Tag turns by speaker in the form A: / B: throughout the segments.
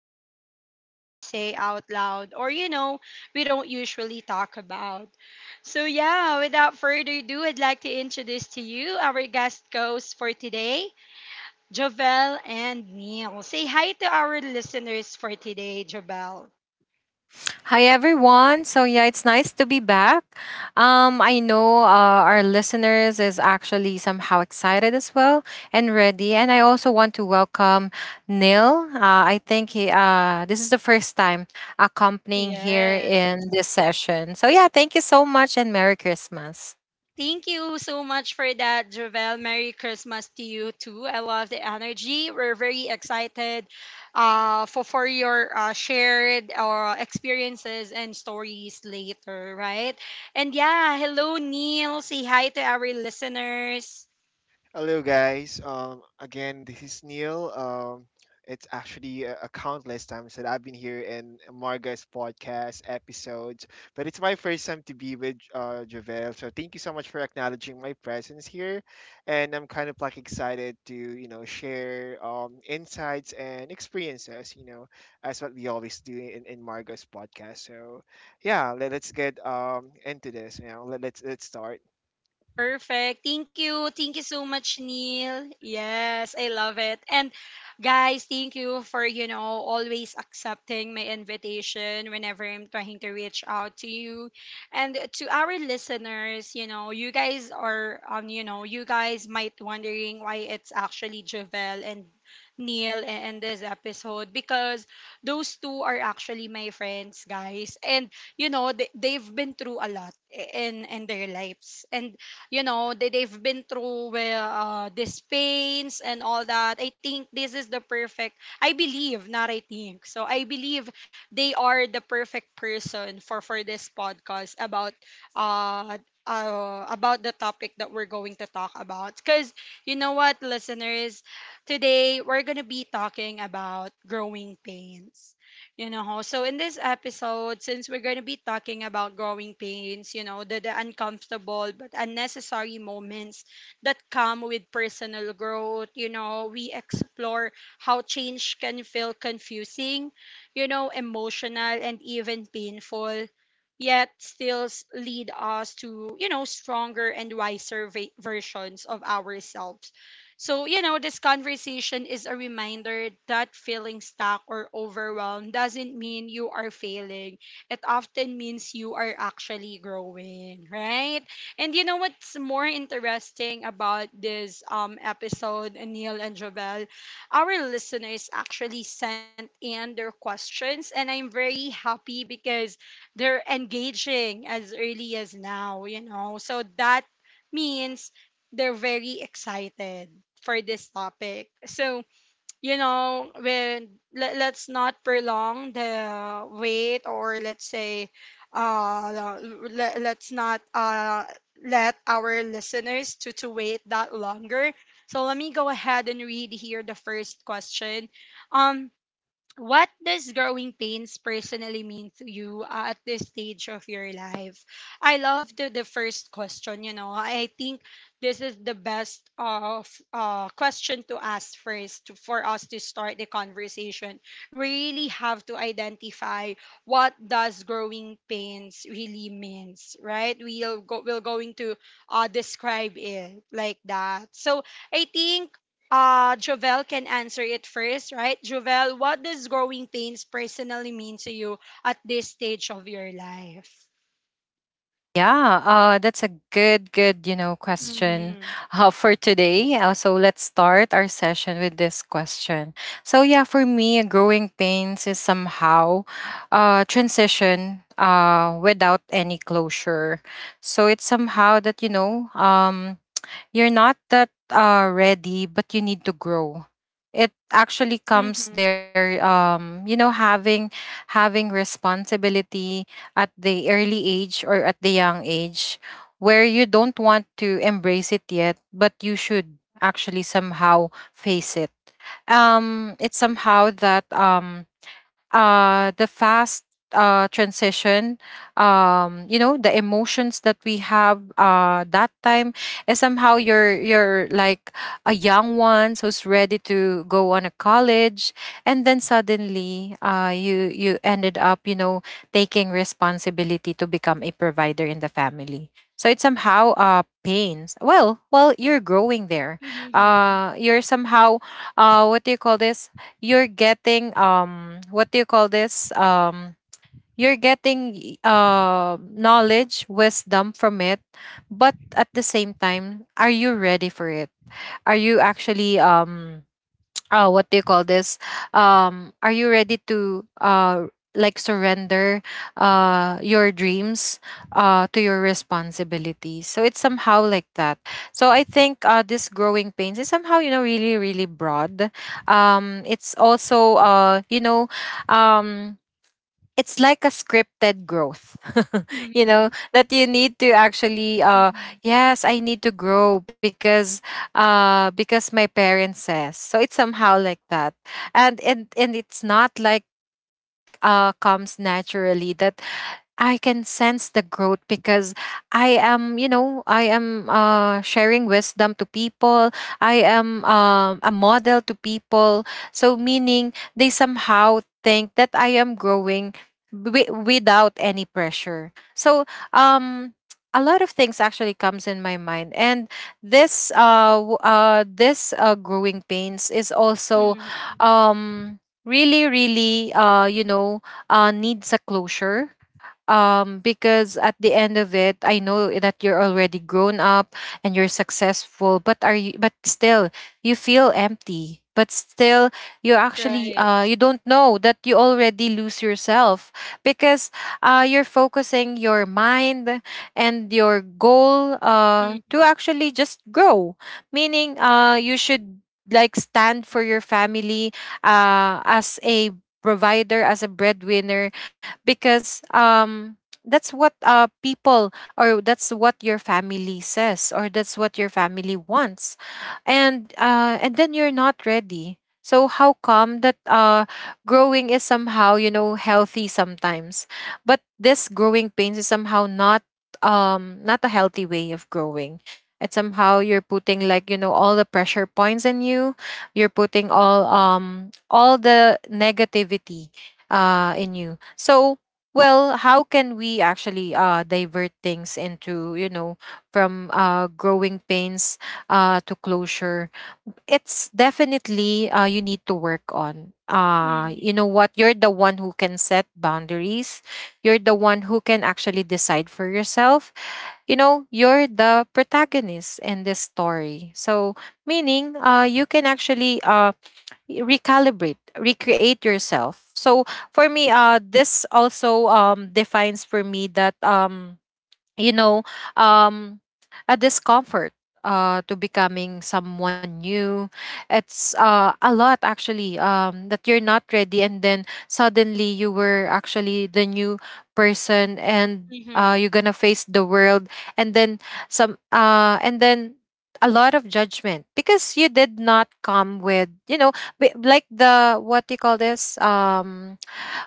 A: things we don't always say out loud, or, you know, we don't usually talk about. So, yeah, without further ado, I'd like to introduce to you our guest host for today. Jovel and Neil. Say hi to our listeners for today, Jovel.
B: Hi everyone. So yeah, it's nice to be back. I know our listeners is actually somehow excited as well and ready. And I also want to welcome Neil. I think he this is the first time accompanying here
A: Yeah.
B: in this session. So yeah, thank you so much and Merry Christmas.
A: Thank you so much for that, Jovel. Merry Christmas to you too. I love the energy. We're very excited for your shared experiences and stories later, right? And yeah, hello, Neil. Say hi to our listeners.
C: Hello, guys. Again, this is Neil. It's actually a countless times that I've been here in Marga's podcast episodes, but it's my first time to be with Javel. So thank you so much for acknowledging my presence here, and I'm kind of like excited to share insights and experiences, as what we always do in Marga's podcast. So yeah, let us get into this. You know, let's start.
A: Perfect. Thank you. Thank you so much, Neil. Yes, I love it. And guys, thank you for, you know, always accepting my invitation whenever I'm trying to reach out to you. And to our listeners, you know, you guys are you know, you guys might wondering why it's actually Javel and Neil in this episode because those two are actually my friends, guys. And you know they've been through a lot in their lives, and you know they've been through with these pains and all that. I think this is the perfect, I believe, not I think, so I believe they are the perfect person for this podcast uh about the topic that we're going to talk about, because you know what, listeners, today we're going to be talking about growing pains. You know, so in this episode, since we're going to be talking about growing pains, you know, the uncomfortable but unnecessary moments that come with personal growth, you know, we explore how change can feel confusing, you know, emotional and even painful, yet still lead us to, you know, stronger and wiser versions of ourselves. So, you know, this conversation is a reminder that feeling stuck or overwhelmed doesn't mean you are failing. It often means you are actually growing, right? And you know what's more interesting about this episode, Neil and Jovel? Our listeners actually sent in their questions, and I'm very happy because they're engaging as early as now, you know. So that means they're very excited for this topic. So, you know, when let's not prolong the wait, or let's say uh let's not let our listeners to wait that longer. So, let me go ahead and read here the first question. Um what does growing pains personally mean to you, at this stage of your life? I love the first question, you know. I think this is the best of question to ask first to, for us to start the conversation. Really have to identify what does growing pains really means, right? We're going to describe it like that. So I think Jovel can answer it first, right? Jovel, what does growing pains personally mean to you at this stage of your life?
B: Yeah, that's a good question
A: Mhm.
B: for today. So let's start our session with this question. So yeah, for me, growing pains is somehow transition without any closure. So it's somehow that you're not that ready, but you need to grow. It actually
A: Mhm.
B: comes there, having responsibility at the early age or at the young age, where you don't want to embrace it yet, but you should actually somehow face it. It's somehow that the fast transition, the emotions that we have that time, is somehow you're like a young one who's ready to go on a college, and then suddenly you ended up, you know, taking responsibility to become a provider in the family. So it somehow pains. Well, you're growing there.
A: Mhm.
B: You're somehow what do you call this? You're getting what do you call this you're getting knowledge wisdom from it, but at the same time, are you ready for it? Are you actually, what do you call this are you ready to like surrender your dreams to your responsibilities? So it's somehow like that. So I think this growing pains is somehow, you know, really broad. It's also, um it's like a scripted growth you know
A: Mhm.
B: that you need to actually
A: Mhm.
B: yes, I need to grow because my parents says so. It's somehow like that. And it's not like comes naturally, that I can sense the growth because I am, you know, I am sharing wisdom to people. I am a model to people. So meaning they somehow think that I am growing without any pressure. So, um, a lot of things actually comes in my mind, and this growing pains is also
A: Mhm.
B: really really you know needs a closure because at the end of it I know that you're already grown up and you're successful, but still you feel empty, but still you actually you
A: Right.
B: don't know that you already lose yourself because you're focusing your mind and your goal to
A: Mhm.
B: actually just grow, meaning you should like stand for your family as a provider, as a breadwinner, because that's what people, or that's what your family says, or that's what your family wants. And then you're not ready. So how come that growing is somehow, you know, healthy sometimes, but this growing pains is somehow not, not a healthy way of growing. It's somehow you're putting, like, you know, all the pressure points in you, you're putting all, all the negativity in you. So well, how can we actually divert things into, you know, from growing pains to closure? It's definitely you need to work on, you know
A: Mhm.
B: what, you're the one who can set boundaries, you're the one who can actually decide for yourself. You know, you're the protagonist in this story. So meaning you can actually recalibrate recreate yourself. So for me, this also defines for me that, you know, um, a discomfort to becoming someone new. It's a lot actually, that you're not ready, and then suddenly you were actually the new person, and you're
A: Mhm.
B: gonna face the world, and then some, uh, and then a lot of judgment because you did not come with, you know, bi- like the what do you call this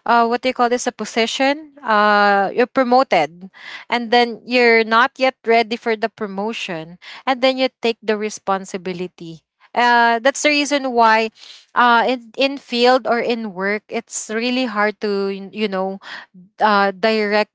B: what do you call this a position. You're promoted, and then you're not yet ready for the promotion, and then you take the responsibility. That's the reason why in field or in work, it's really hard to, you know, directly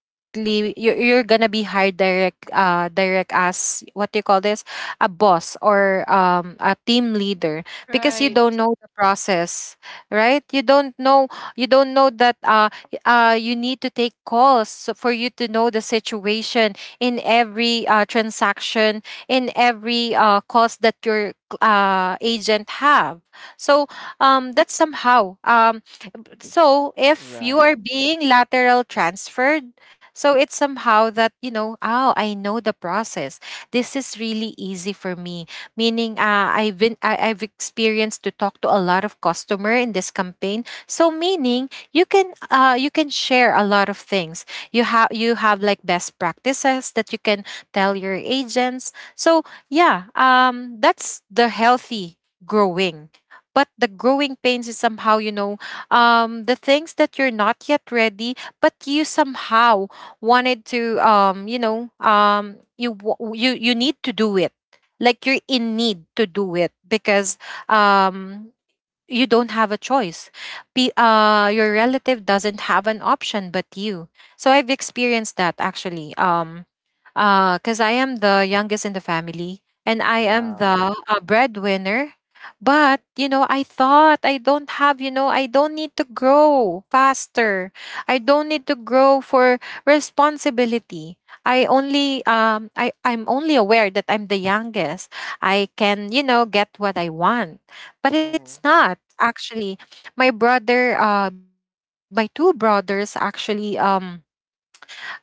B: you're, gonna be hired direct as, what do you call this a boss or a team leader, because you
A: Right.
C: Mhm.
B: don't know the process, right? You don't know, you don't know that you need to take calls so for you to know the situation in every transaction, in every cost that your agent have. So that's somehow so if you
C: Right.
B: are being lateral transferred, so it's somehow that, you know, oh, I know the process, this is really easy for me, meaning I've experienced to talk to a lot of customer in this campaign. So meaning you can, you can share a lot of things. You have like best practices that you can tell your agents. So yeah, that's the healthy growing. But the growing pains is somehow, you know, the things that you're not yet ready, but you somehow wanted to, you know, you wa- you need to do it. Like you're in need to do it because um, you don't have a choice. Your relative doesn't have an option but you. So I've experienced that actually. Because I am the youngest in the family and I am
C: Wow.
B: the breadwinner. But you know, I thought I don't have. You know, I don't need to grow faster. I don't need to grow for responsibility. I only I'm only aware that I'm the youngest. I can, you know, get what I want, but
C: Mm-hmm.
B: it's not actually my brother, my two brothers actually, get married,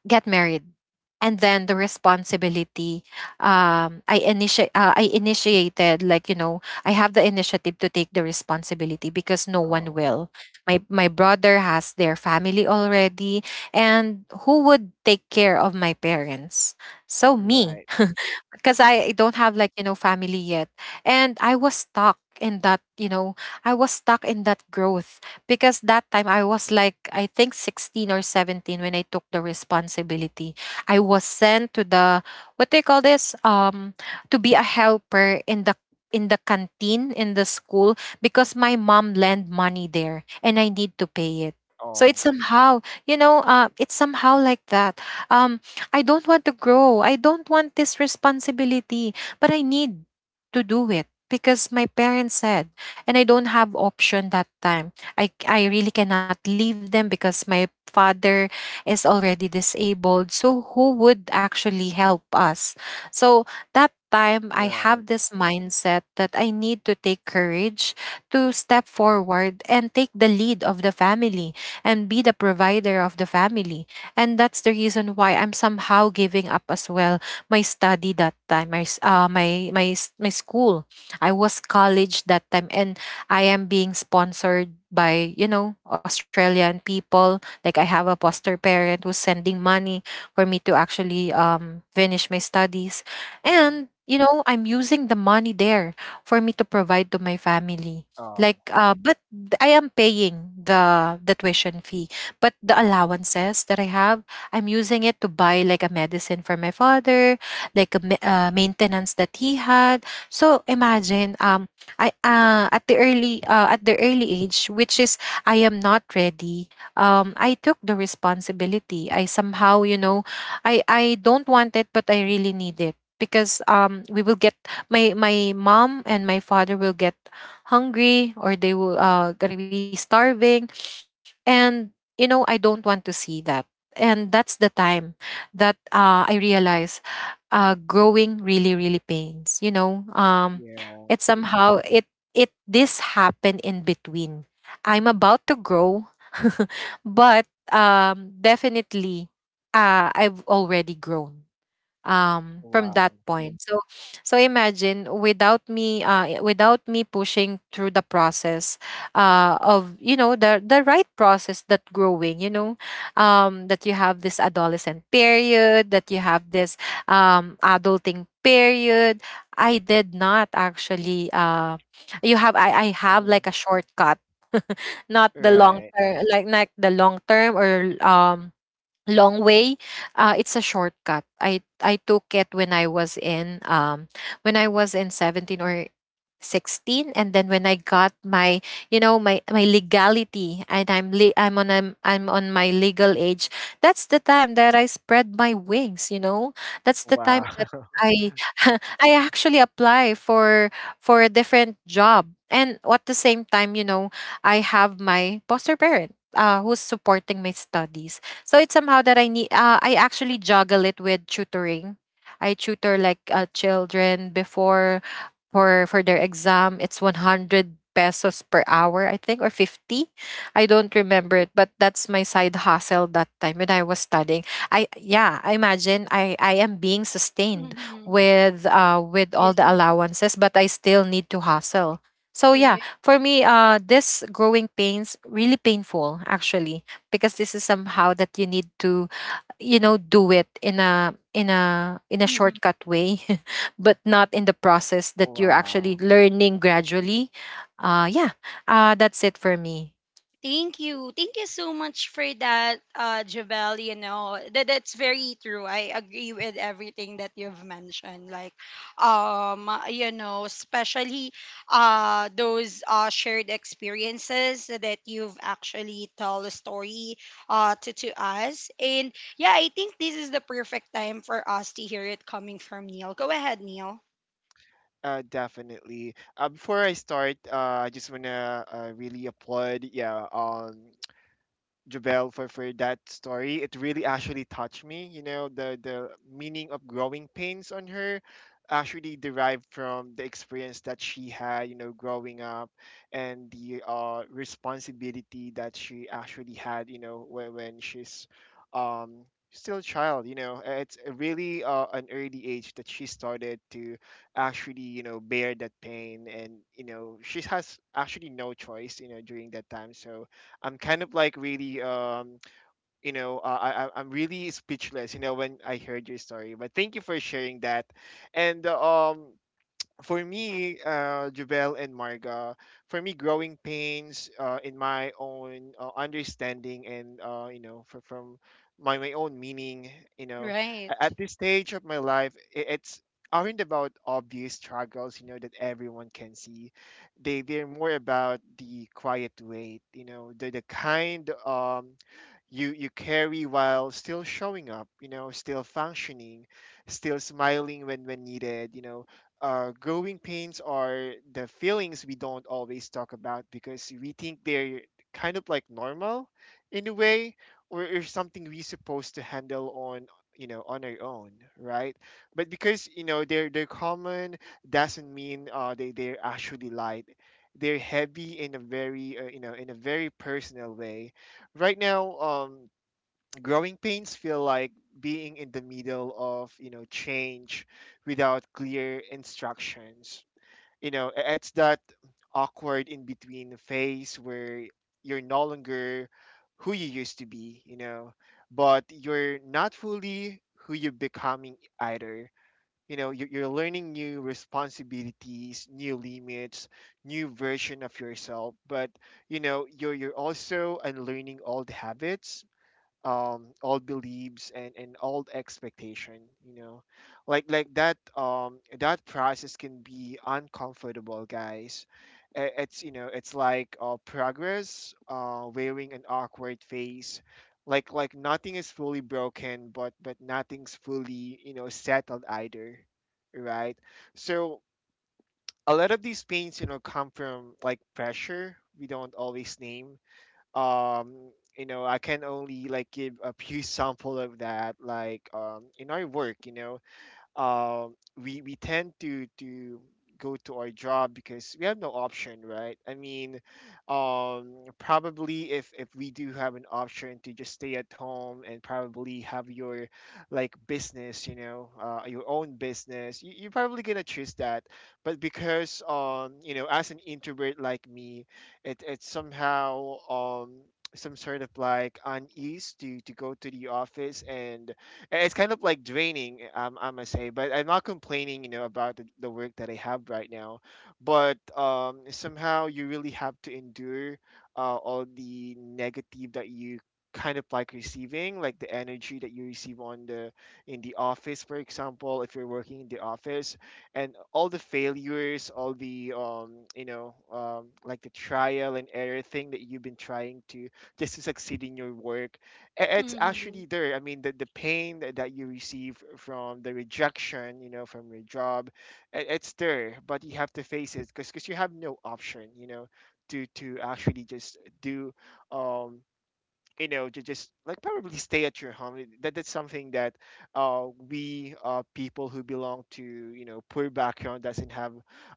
B: and then the responsibility, I initiated, like, you know, I have the initiative to take the responsibility because no one
C: Oh,
B: will. My brother has their family already, and who would take care of my parents? So me
C: right.
B: because I don't have, like, you know, family yet. And I was stuck in that, you know, I was stuck in that growth because that time I was like, I think, 16 or 17 when I took the responsibility. I was sent to the, what do you call this to be a helper in the, in the canteen in the school, because my mom lent money there and I need to pay it. So it's
C: Oh,
B: somehow, you know, it's somehow like that. Um, I don't want to grow. I don't want this responsibility, but I need to do it because my parents said, and I don't have option that time. I really cannot leave them because my father is already disabled. So who would actually help us? So that time I have
C: right.
B: this mindset that I need to take courage to step forward and take the lead of the family and be the provider of the family. And that's the reason why I'm somehow giving up as well my study that time, my my school. I was college that time and I am being sponsored by, you know, Australian people. Like I have a foster parent who's sending money for me to actually finish my studies.
C: Mm-hmm.
B: And, you know, I'm using the money there for me to provide to my family.
C: Oh,
B: Like, I am paying the tuition fee, but the allowances that I have, I'm using it to buy like a medicine for my father, like a maintenance that he had. So imagine, I at the early age, which is I am not ready. I took the responsibility. I somehow, I don't want it, but I really need it because we will get my mom and my father will get hungry, or they will gonna be starving. And I don't want to see that. And that's the time that I realized growing really really pains, you know.
C: yeah.
B: It somehow it it this happened in between. I'm about to grow but definitely I've already grown from that
C: Wow.
B: point. So imagine, without me without me pushing through the process of the right process that growing, that you have this adolescent period, that you have this adulting period. I did not actually you have I have
C: Mm-hmm.
B: like a shortcut, not the long
C: Right.
B: term, like the long term or long way. It's a shortcut. I took it when I was in when I was in 17 or 16, and then when I got my, you know, my legality, and I'm le- I'm on a, I'm on my legal age. That's the time that I spread my wings, that's the
C: Wow.
B: time that I I actually apply for a different job. And at the same time, I have my foster parent, who's supporting my studies. So it's somehow that I need. I actually juggle it with tutoring. I tutor like children before for their exam. It's 100 pesos per hour, I think, or 50. I don't remember it, but that's my side hustle that time when I was studying. I Yeah, I imagine I am being sustained
A: Mhm.
B: with all
A: Yes,
B: the allowances, but I still need to hustle. So yeah,
A: right.
B: for me, this growing pains really painful, actually, because this is somehow that you need to, do it in a
A: Mhm.
B: shortcut way, but not in the process that you're actually
C: Wow.
B: learning gradually. Yeah. That's it for me.
A: Thank you. Thank you so much for that, Jabel. You know, that that's very true. I agree with everything that you've mentioned. Like, you know, especially those shared experiences that you've actually tell a story to us. And yeah, I think this is the perfect time for us to hear it coming from Neil. Go ahead, Neil.
C: Definitely. Before I start, I just wanna really applaud, yeah, Jabel for that story. It really actually touched me. You know, the meaning of growing pains on her actually derived from the experience that she had, you know, growing up and the responsibility that she actually had, you know, when she's um still a child, you know. It's a really an early age that she started to actually, you know, bear that pain and, you know, she has actually no choice, you know, during that time. So I'm kind of like really you know I'm really speechless, you know, when I heard your story, but thank you for sharing that, and for me, Javel and Marga, for me, growing pains in my own understanding and you know for, from my own meaning, you know,
A: Right.
C: at this stage of my life, it's aren't about obvious struggles, you know, that everyone can see. They're more about the quiet weight, you know, the kind. You you carry while still showing up, you know, still functioning, still smiling when needed, you know. Growing pains are the feelings we don't always talk about because we think they're kind of like normal in a way, or something we're supposed to handle on, you know, on our own, right? But because you know they're common doesn't mean they they're actually light. They're heavy in a very you know, in a very personal way. Right now, growing pains feel like being in the middle of, you know, change without clear instructions, you know, it's that awkward in between phase where you're no longer who you used to be, you know, but you're not fully who you're becoming either. You know, you're learning new responsibilities, new limits, new version of yourself, but you know you're also unlearning old habits, old beliefs and old expectation, you know, like that. That process can be uncomfortable, guys. It's, you know, it's like progress wearing an awkward face, like nothing is fully broken, but nothing's fully, you know, settled either, right? So a lot of these pains, you know, come from like pressure we don't always name. um you know I can only like give a few sample of that, like in our work, you know, um, we tend to go to our job because we have no option, right? I mean, um, probably if we do have an option to just stay at home and probably have your like business, you know, your own business, you, you're probably gonna choose that. But because you know, as an introvert like me, it's somehow some sort of like unease to go to the office, and eh, it's kind of like draining, I must say, but I'm not complaining, you know, about the work that I have right now. But somehow you really have to endure all the negative that you kind of like receiving, like the energy that you receive on the in the office, for example, if you're working in the office, and all the failures, all the you know, like the trial and error thing that you've been trying to just to succeed in your work, it's
A: Mm-hmm.
C: actually there. I mean, the pain that you receive from the rejection, you know, from your job, it's there, but you have to face it because you have no option, you know, to actually just do, um, you know, to just like probably stay at your home. That that's something that, we people who belong to, you know, poor background doesn't have,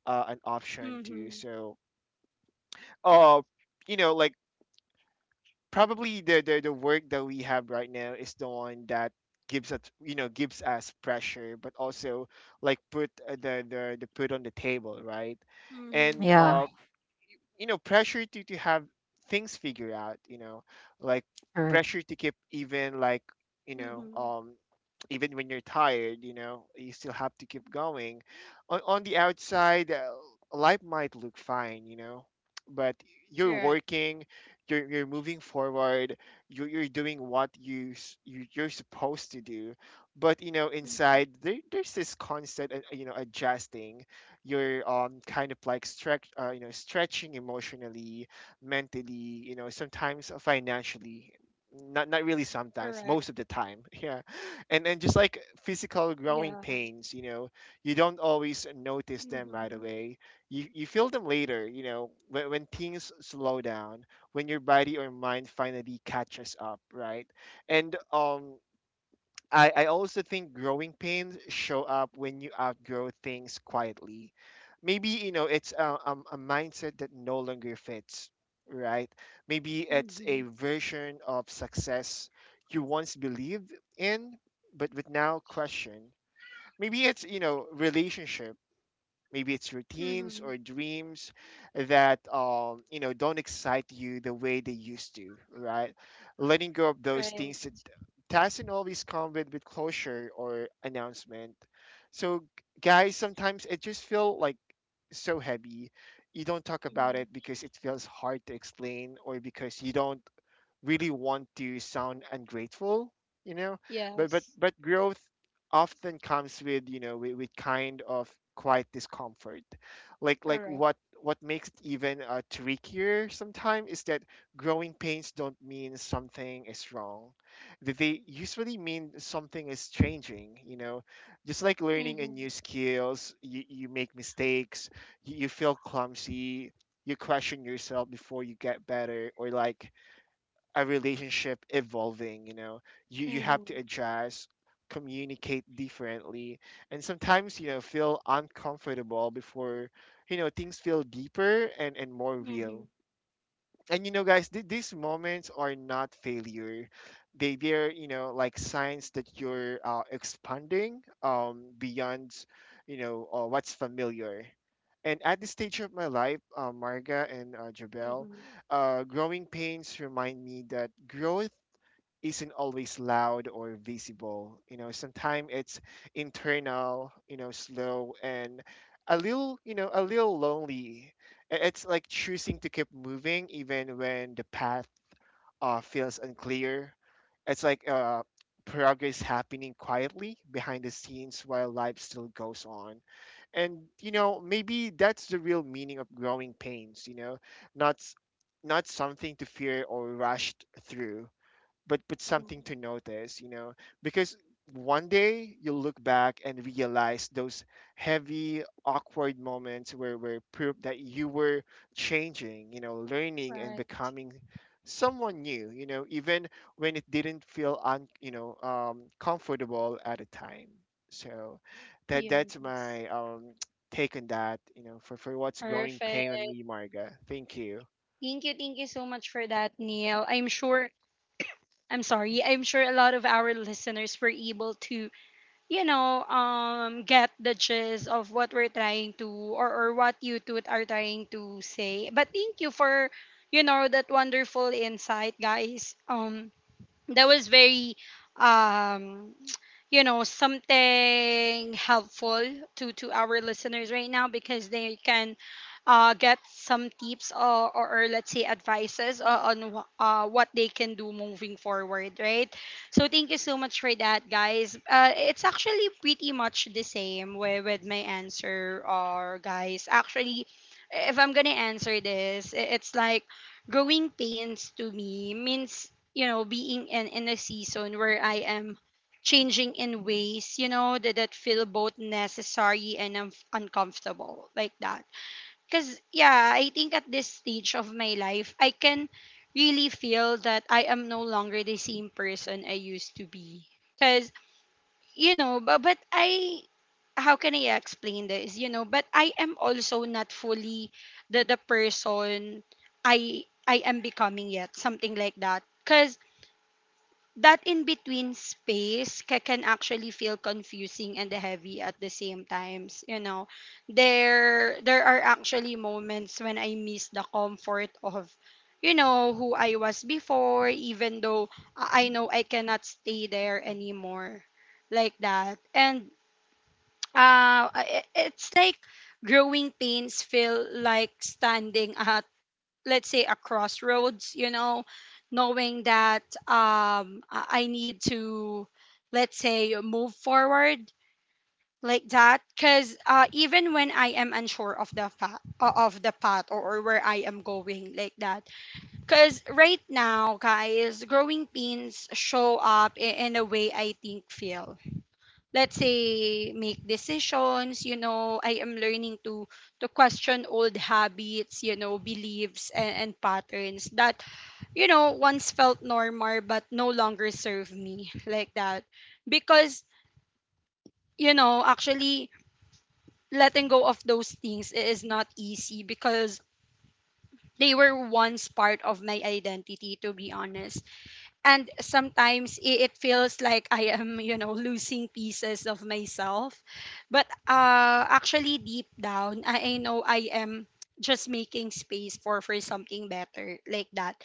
C: an option
A: Mm-hmm.
C: to. So, uh, you know, like probably the work that we have right now is the one that gives us, you know, gives us pressure, but also like put the put on the table, right?
A: Mm-hmm.
C: And
B: Yeah.
C: you know, pressure to have things figured out, you know, like
B: Sure.
C: pressure to keep even like, you know,
A: Mm-hmm.
C: even when you're tired, you know, you still have to keep going. On the outside, life might look fine, you know, but you're
A: Correct.
C: working, you're moving forward, you're doing what you, you you're supposed to do. But you know,
A: Mm-hmm.
C: inside there, there's this constant, you know, adjusting. You're kind of like stretch, you know, stretching emotionally, mentally, you know, sometimes financially. Not not really
A: Correct.
C: sometimes, most of the time. yeah and just like
A: Yeah.
C: physical growing pains, you know, you don't always
A: Mhm.
C: notice them right away, you feel them later, you know, when things slow down, when your body or mind finally catches up, right? And I also think growing pains show up when you outgrow things quietly. Maybe, you know, it's a mindset that no longer fits, right? Maybe it's
A: Mhm.
C: a version of success you once believed in, but now question. Maybe it's, you know, relationship, maybe it's
A: Mhm.
C: routines or dreams that you know don't excite you the way they used to, right? Letting go of those
A: Right.
C: things that doesn't always come with closure or announcement, so guys sometimes it just feel like so heavy. You don't talk about
A: Mhm.
C: it because it feels hard to explain, or because you don't really want to sound ungrateful, you know.
A: Yes.
C: But growth often comes with, you know, with kind of quiet discomfort. Like
A: Correct.
C: what makes it even trickier sometimes is that growing pains don't mean something is wrong. They usually mean something is changing. You know, just like learning a
A: Mhm.
C: new skills, you make mistakes, you feel clumsy, you question yourself before you get better, or like a relationship evolving, you know, you have to
A: Mhm.
C: adjust, communicate differently, and sometimes, you know, feel uncomfortable before, you know, things feel deeper and more
A: Mhm.
C: real. And you know, guys, these moments are not failure. They they're, you know, like signs that you're expanding beyond, you know, what's familiar. And at this stage of my life, Marga and Jabel,
A: Mhm.
C: growing pains remind me that growth isn't always loud or visible. You know, sometimes it's internal, you know, slow and a little, you know, a little lonely. It's like choosing to keep moving even when the path feels unclear. It's like progress happening quietly behind the scenes while life still goes on. And you know, maybe that's the real meaning of growing pains. You know, not s- not something to fear or rushed through, but something
A: Mhm.
C: to notice, you know, because one day you'll look back and realize those heavy, awkward moments where were proof that you were changing, you know, learning and
A: Right.
C: becoming someone new, you know, even when it didn't feel un, you know, comfortable at a time. So that that's
A: Yes.
C: my take on that, you know, for what's growing
A: Perfect.
C: pain on me, Marga. Thank you.
A: Thank you so much for that, Neil. I'm sure, I'm sorry, I'm sure a lot of our listeners were able to, you know, get the gist of what we're trying to, or what you two are trying to say. But thank you for, you know, that wonderful insight, guys. That was very um you know, something helpful to our listeners right now, because they can get some tips, or let's say advices, on what they can do moving forward, right? So thank you so much for that, guys. It's actually pretty much the same with my answer, or guys, actually, if I'm gonna answer this, it's like growing pains to me means, you know, being in a season where I am changing in ways, you know, that feel both necessary and uncomfortable, like that. Because yeah, I think at this stage of my life, I can really feel that I am no longer the same person I used to be, because, you know, but I, how can I explain this, you know, but I am also not fully the person I am becoming yet, something like that. Because that in between space can actually feel confusing and heavy at the same times, you know. There are actually moments when I miss the comfort of, you know, who I was before, even though I know I cannot stay there anymore, like that. And it's like growing pains feel like standing let's say, a crossroads, you know, knowing that I need to, let's say, move forward, like that, because even when I am unsure of the path, or where I am going, like that. Because right now, guys, growing pains show up in a way I think feel, let's say, make decisions. You know, I am learning to question old habits, you know, beliefs, and patterns that, you know, once felt normal but no longer serve me, like that. Because, you know, actually letting go of those things is not easy because they were once part of my identity, to be honest. And sometimes it feels like I am, you know, losing pieces of myself. But actually, deep down, I know I am just making space for something better, like that.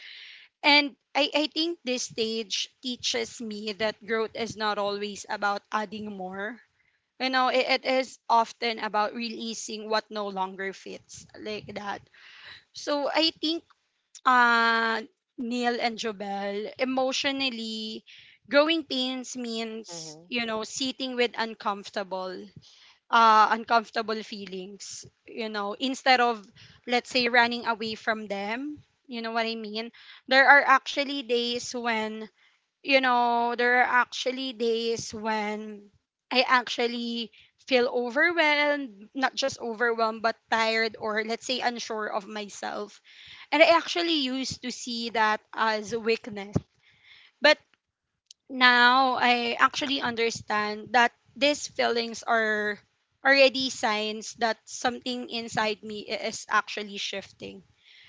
A: And I think this stage teaches me that growth is not always about adding more. You know, it is often about releasing what no longer fits, like that. So I think uh, Neil and Jobel, emotionally, growing pains means,
C: Mm-hmm.
A: you know, sitting with uncomfortable uncomfortable feelings, you know, instead of, let's say, running away from them. You know what I mean? There are actually days when, you know, there are actually days when I actually feel overwhelmed, not just overwhelmed, but tired, or, let's say, unsure of myself. And I actually used to see that as weakness. But now I actually understand that these feelings are already signs that something inside me is actually shifting.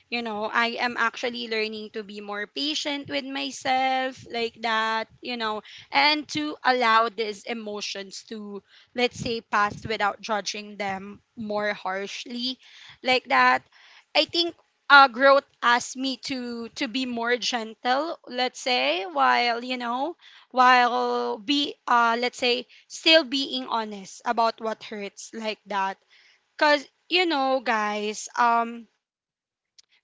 A: You know, I am actually learning to be more patient with myself, like that, you know, and to allow these emotions to, let's say, pass without judging them more harshly, like that. I think growth asked me to be more gentle, let's say, while, you know, while be let's say, still being honest about what hurts, like that. Cause you know, guys,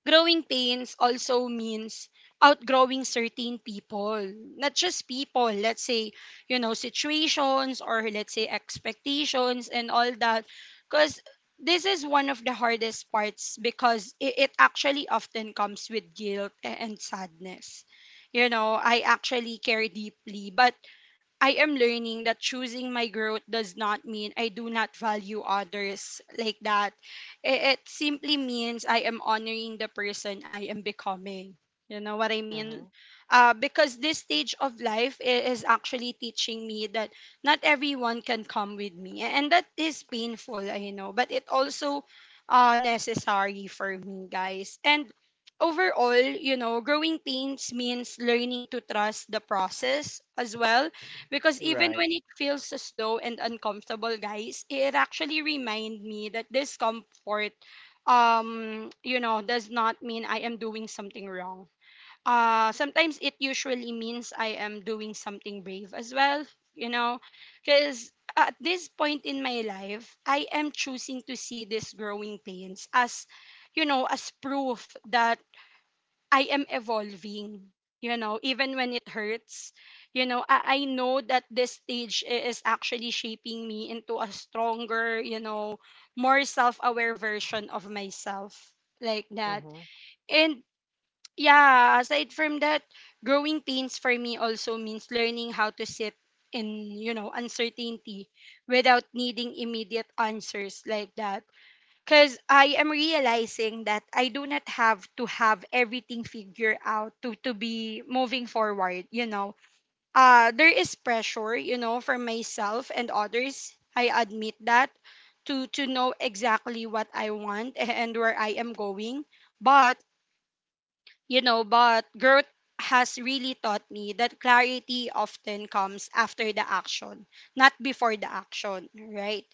A: growing pains also means outgrowing certain people, not just people, let's say, you know, situations, or let's say expectations and all that. Because this is one of the hardest parts, because it actually often comes with guilt and sadness. You know, I actually care deeply, but I am learning that choosing my growth does not mean I do not value others, like that. It simply means I am honoring the person I am becoming. You know what I
C: Mm-hmm.
A: mean? Because this stage of life is actually teaching me that not everyone can come with me. And that is painful, I know. But it also necessary for me, guys. And overall, you know, growing pains means learning to trust the process as well, because even
C: Right.
A: when it feels slow and uncomfortable, guys, it actually remind me that discomfort, you know, does not mean I am doing something wrong. Sometimes it usually means I am doing something brave as well, you know, because at this point in my life, I am choosing to see these growing pains as, you know, as proof that I am evolving, you know, even when it hurts. You know, I know that this stage is actually shaping me into a stronger, you know, more self aware version of myself, like that.
C: Mm-hmm.
A: And yeah, aside from that, growing pains for me also means learning how to sit in, you know, uncertainty without needing immediate answers, like that, because I am realizing that I do not have to have everything figured out to be moving forward, you know. There is pressure, you know, for myself and others. I admit that to know exactly what I want and where I am going. But but growth has really taught me that clarity often comes after the action, not before the action, right?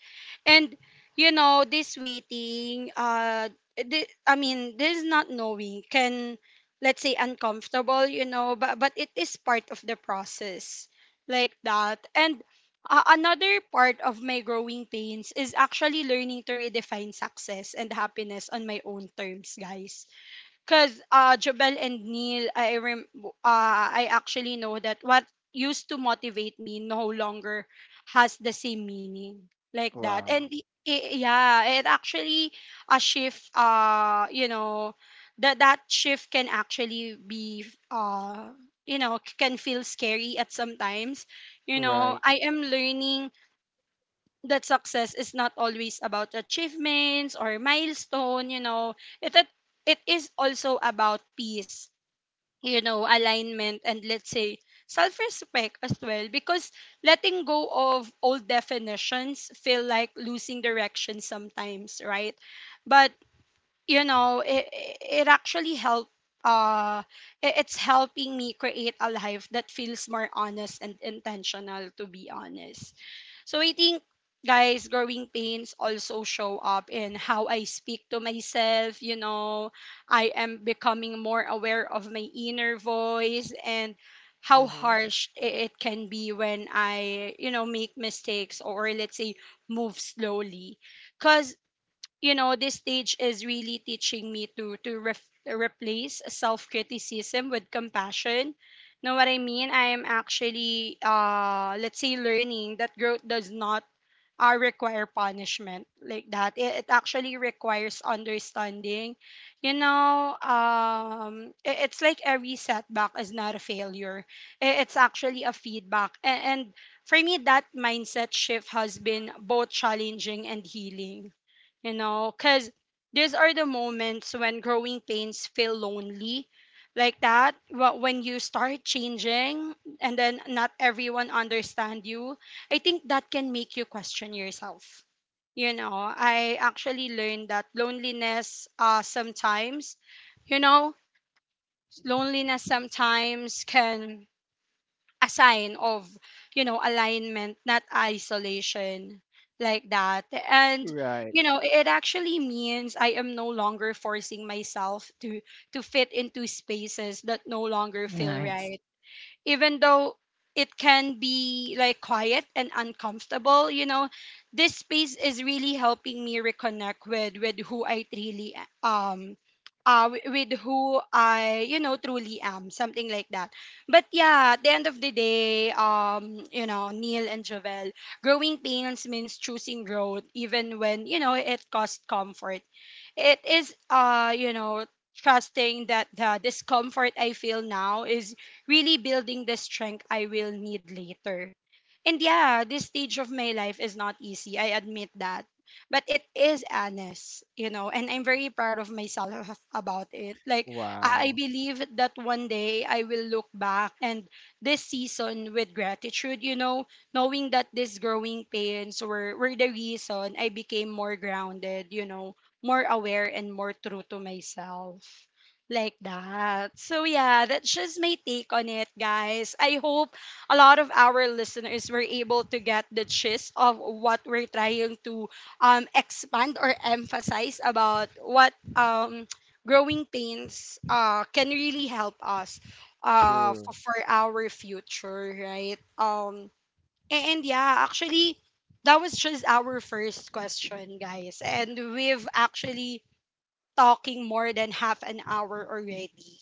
A: And this waiting, this not knowing can, let's say, uncomfortable, you know, but it is part of the process, like that. And another part of my growing pains is actually learning to redefine success and happiness on my own terms, guys because Jobel and Neil, I actually know that what used to motivate me no longer has the same meaning like that. And
C: Wow.
A: I- yeah, it actually a shift. You know, that shift can actually be uh, you know, can feel scary at sometimes. You know,
C: Right.
A: I am learning that success is not always about achievements or milestone, you know, it it, it is also about peace, you know, alignment and let's say self-respect as well because letting go of old definitions feel like losing direction sometimes, right? But you know, it actually helped, uh it's helping me create a life that feels more honest and intentional, to be honest. So I think, guys, growing pains also show up in how I speak to myself. You know, I am becoming more aware of my inner voice and how
C: Mm-hmm.
A: harsh it can be when I, you know, make mistakes or let's say move slowly. Because you know this stage is really teaching me to replace self criticism with compassion, know what I mean? I am actually, let's say, learning that growth does not require punishment like that. It it, actually requires understanding, you know. It's like every setback is not a failure, it's actually a feedback. And for me that mindset shift has been both challenging and healing, you know, because these are the moments when growing pains feel lonely like that, when you start changing and then not everyone understand you. I think that can make you question yourself. You know, I actually learned that loneliness, sometimes, you know, loneliness sometimes can a sign of, you know, alignment, not isolation, like that. And
C: Right.
A: you know it actually means I am no longer forcing myself to fit into spaces that no longer feel
B: Nice.
A: right. Even though it can be like quiet and uncomfortable, you know, this space is really helping me reconnect with who I really um with who I, you know, truly am, something like that. But yeah, at the end of the day, you know, Neil and Jovel, growing pains means choosing growth, even when, you know, it costs comfort. It is, you know, trusting that the discomfort I feel now is really building the strength I will need later. And yeah, this stage of my life is not easy, I admit that, but it is honest, you know, and I'm very proud of myself about it, like I
C: Wow.
A: believe that one day I will look back and this season with gratitude, you know, knowing that these growing pains were the reason I became more grounded, you know, more aware and more true to myself. Like that. So, yeah, that's just my take on it, guys. I hope a lot of our listeners were able to get the gist of what we're trying to expand or emphasize about what growing pains can really help us uh,
C: True.
A: for, for our future, right? And yeah, actually, that was just our first question, guys. And we've actually talking more than half an hour already.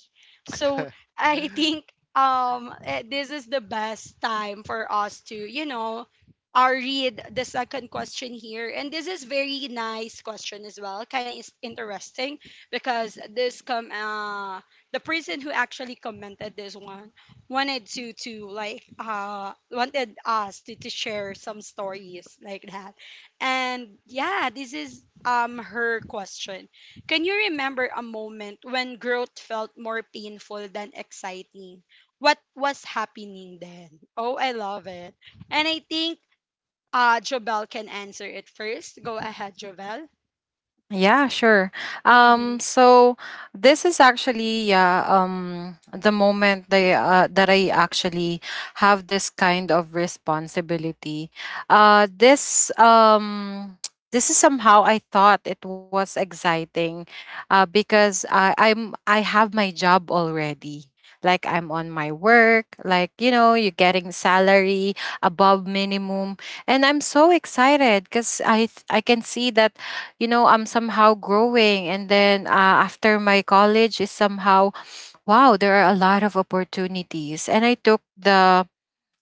A: So I think this is the best time for us to, you know, read the second question here. And this is very nice question as well. Kind of is interesting because this come the person who actually commented this one wanted to wanted us to share some stories like that. And yeah, this is her question. Can you remember a moment when growth felt more painful than exciting? What was happening then? Oh, I love it. And I think Jobel can answer it first. Go ahead, Jobel.
B: Yeah, sure.
A: Mm-hmm.
B: So this is actually, the moment that I actually have this kind of responsibility. This this is somehow I thought it was exciting, because I have my job already. Like I'm on my work, you're getting salary above minimum, and I'm so excited because I can see that, I'm somehow growing. And then after my college is somehow, wow, there are a lot of opportunities. And I took the,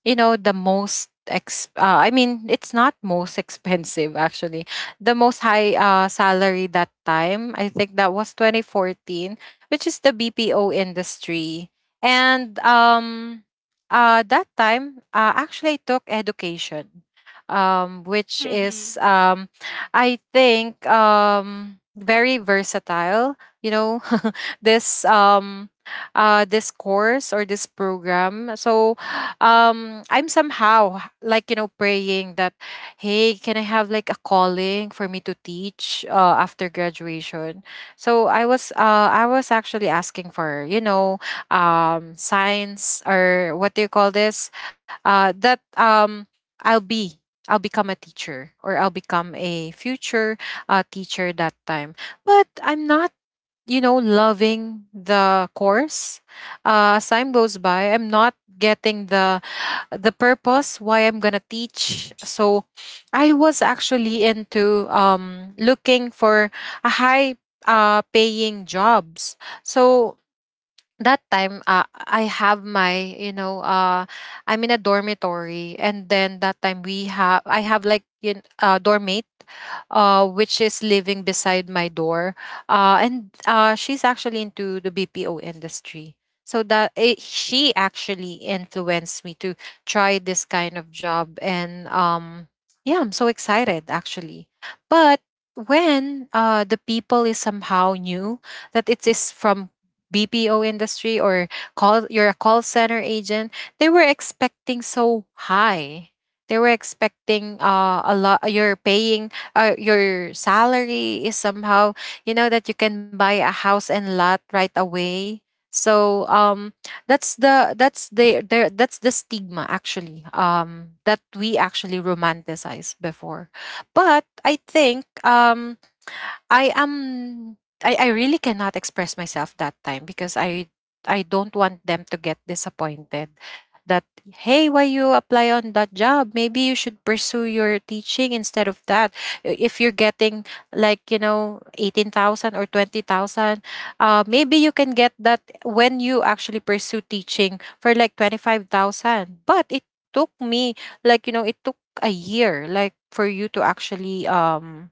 B: the most ex I mean, it's not most expensive, actually, the most high salary that time. I think that was 2014, which is the BPO industry. And that time, actually, I took education, which is
A: Mm-hmm.
B: I think very versatile, you know. this um this course or this program. So I'm somehow praying that, hey, can I have like a calling for me to teach after graduation? So I was actually asking for, science, or what do you call this, that I'll be I'll become a teacher, or I'll become a future teacher that time. But I'm not, loving the course. As time goes by, I'm not getting the purpose why I'm gonna teach. So I was actually into looking for a high paying jobs. So that time, I have my you know I'm in a dormitory. And then that time we have I have like in dormmate, which is living beside my door, and she's actually into the BPO industry. So she actually influenced me to try this kind of job. And yeah, I'm so excited, actually. But when the people is somehow new, that it is from BPO industry, or call you're a call center agent, they were expecting so high. They were expecting a lot. You're paying your salary is somehow, that you can buy a house and lot right away. So that's the stigma, actually, that we actually romanticize before. But I think I am I really cannot express myself that time because I don't want them to get disappointed that, hey, why you apply on that job? Maybe you should pursue your teaching instead of that. If you're getting, 18,000 or 20,000, maybe you can get that when you actually pursue teaching for like 25,000. But it took me, it took a year, like, for you to actually, um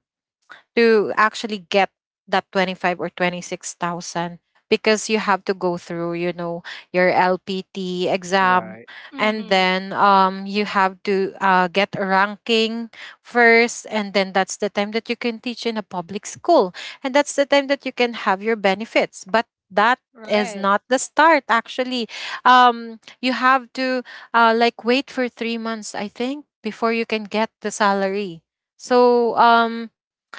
B: to actually get that 25 or 26,000, because you have to go through, your LPT exam.
C: Right.
B: And
A: Mm-hmm.
B: then you have to get a ranking first. And then that's the time that you can teach in a public school, and that's the time that you can have your benefits. But that is
A: Right.
B: not the start, actually. You have to, like wait for 3 months, I think, before you can get the salary. So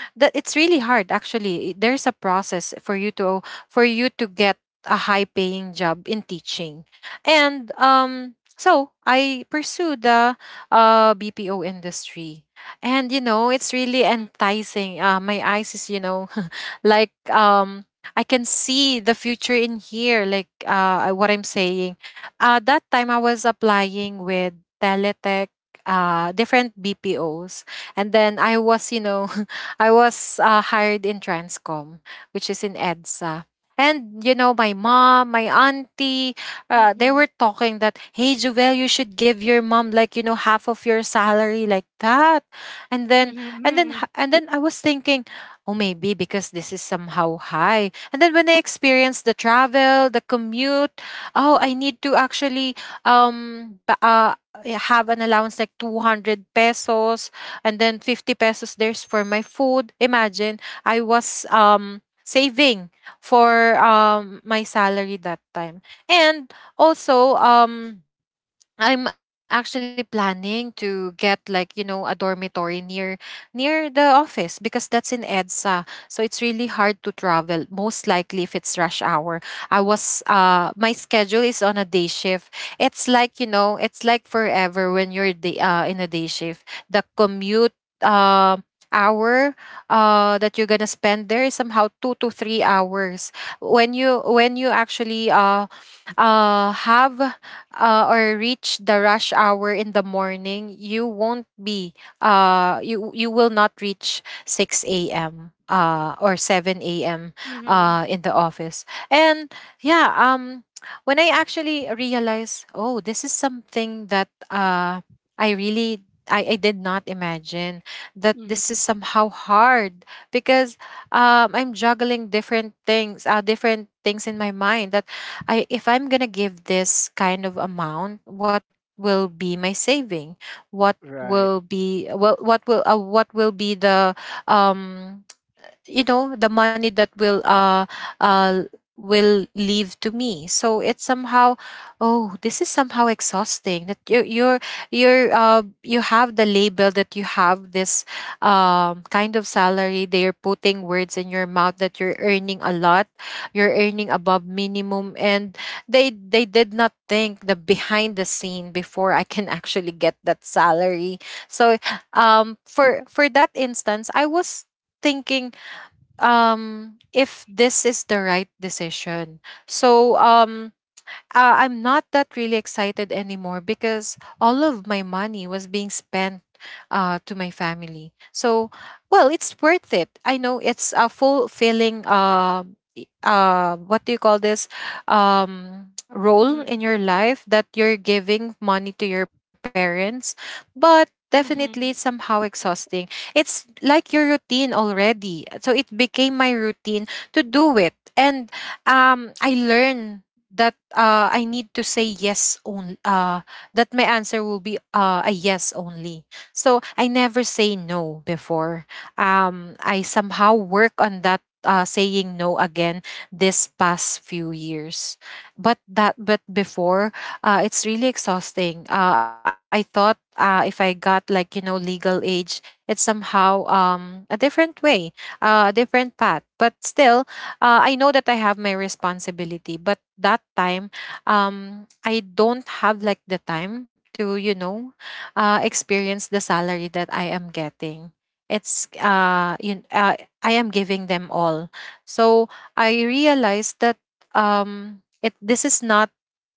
B: that it's really hard, actually. There's a process for you to get a high paying job in teaching. And so I pursued the, BPO industry. And, it's really enticing. My eyes is, like, I can see the future in here, like, what I'm saying. That time I was applying with Teletech, different BPOs, and then I was, you know, I was hired in Transcom, which is in EDSA. And, my mom, my auntie, they
A: Mm-hmm.
B: were talking that, hey, Juvel, you should give your mom, half of your salary, like that. And then, and then,
A: Mm-hmm.
B: h- and then I was thinking, oh, maybe because this is somehow high. And then when I experienced the travel, the commute, oh, I need to actually um, ba- uh, have an allowance like 200 pesos, and then 50 pesos there's for my food. Imagine, I was saving for my salary that time. And also, I'm actually planning to get, a dormitory near the office because that's in EDSA. So it's really hard to travel, most likely if it's rush hour. I was my schedule is on a day shift. It's, it's like forever when in a day shift. The commute uh hour that you're gonna spend there is somehow 2 to 3 hours, when you actually have or reach the rush hour in the morning. You won't be uh you you will not reach 6 a.m. Or 7 a.m.
A: Mm-hmm.
B: In the office. And yeah, when I actually realized, oh, this is something that I really I did not imagine that this is
A: Mm-hmm.
B: somehow hard, because I'm juggling different things, in my mind, that I if I'm going to give this kind of amount, what will be my saving? What will
C: Right.
B: be well what will be the, um, money that uh will leave to me. So it's somehow, oh, this is somehow exhausting, that you you're you have the label that you have this kind of salary. They're putting words in your mouth that you're earning a lot, you're earning above minimum, and they did not think the behind the scene before I can actually get that salary. So for that instance, I was thinking if this is the right decision. So I'm not that really excited anymore, because all of my money was being spent to my family. So, well, it's worth it, I know it's a fulfilling what do you call this, um role in your
A: Mm-hmm.
B: life, that you're giving money to your parents. But definitely
A: Mm-hmm.
B: somehow exhausting. It's like your routine already, so it became my routine to do it. And I learned that, I need to say yes only. That my answer will be, a yes only. So I never say no before. I somehow work on that, saying no again this past few years. But before, it's really exhausting. I thought, if I got, legal age, it's somehow a different way, a different path. But still, I know that I have my responsibility. But that time, I don't have like the time to, experience the salary that I am getting. It's uh, you, uh, I am giving them all. So I realized that it this is not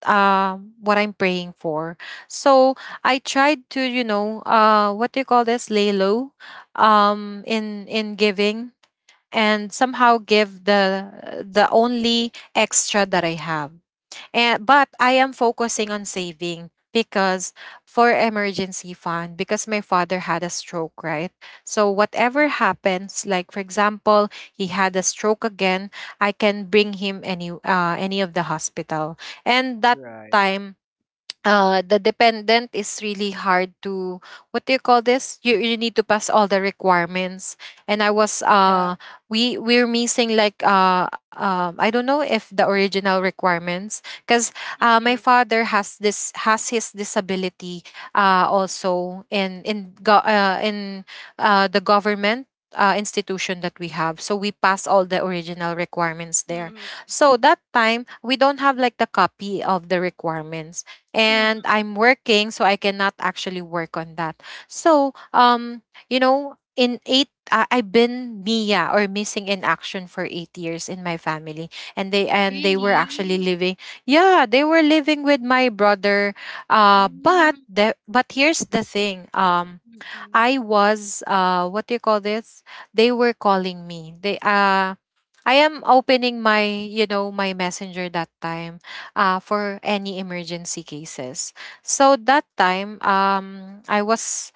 B: what I'm praying for. So I tried to, what do you call this? Lay low in giving, and somehow give the only extra that I have. And but I am focusing on saving, because for emergency fund, because my father had a stroke, right? So whatever happens, like for example, he had a stroke again, I can bring him any of the hospital. And that
C: Right.
B: time, the dependent is really hard to, what do you call this, you need to pass all the requirements. And I was
A: Yeah.
B: we're missing like I don't know if the original requirements, because my
A: Mm-hmm.
B: father has this has his disability also in the government institution that we have, so we pass all the original requirements there.
A: Mm-hmm.
B: So that time we don't have like the copy of the requirements, and
A: Mm-hmm.
B: I'm working, so I cannot actually work on that. So, um, you know, in eight, I I've been MIA or missing in action for 8 years in my family, and they were actually
A: Really?
B: living. Yeah, they were living with my brother. Uh, but
A: Mm-hmm.
B: the but here's the thing. I was, what do you call this? They were calling me. They I am opening my, you know, my messenger that time for any emergency cases. So that time, I was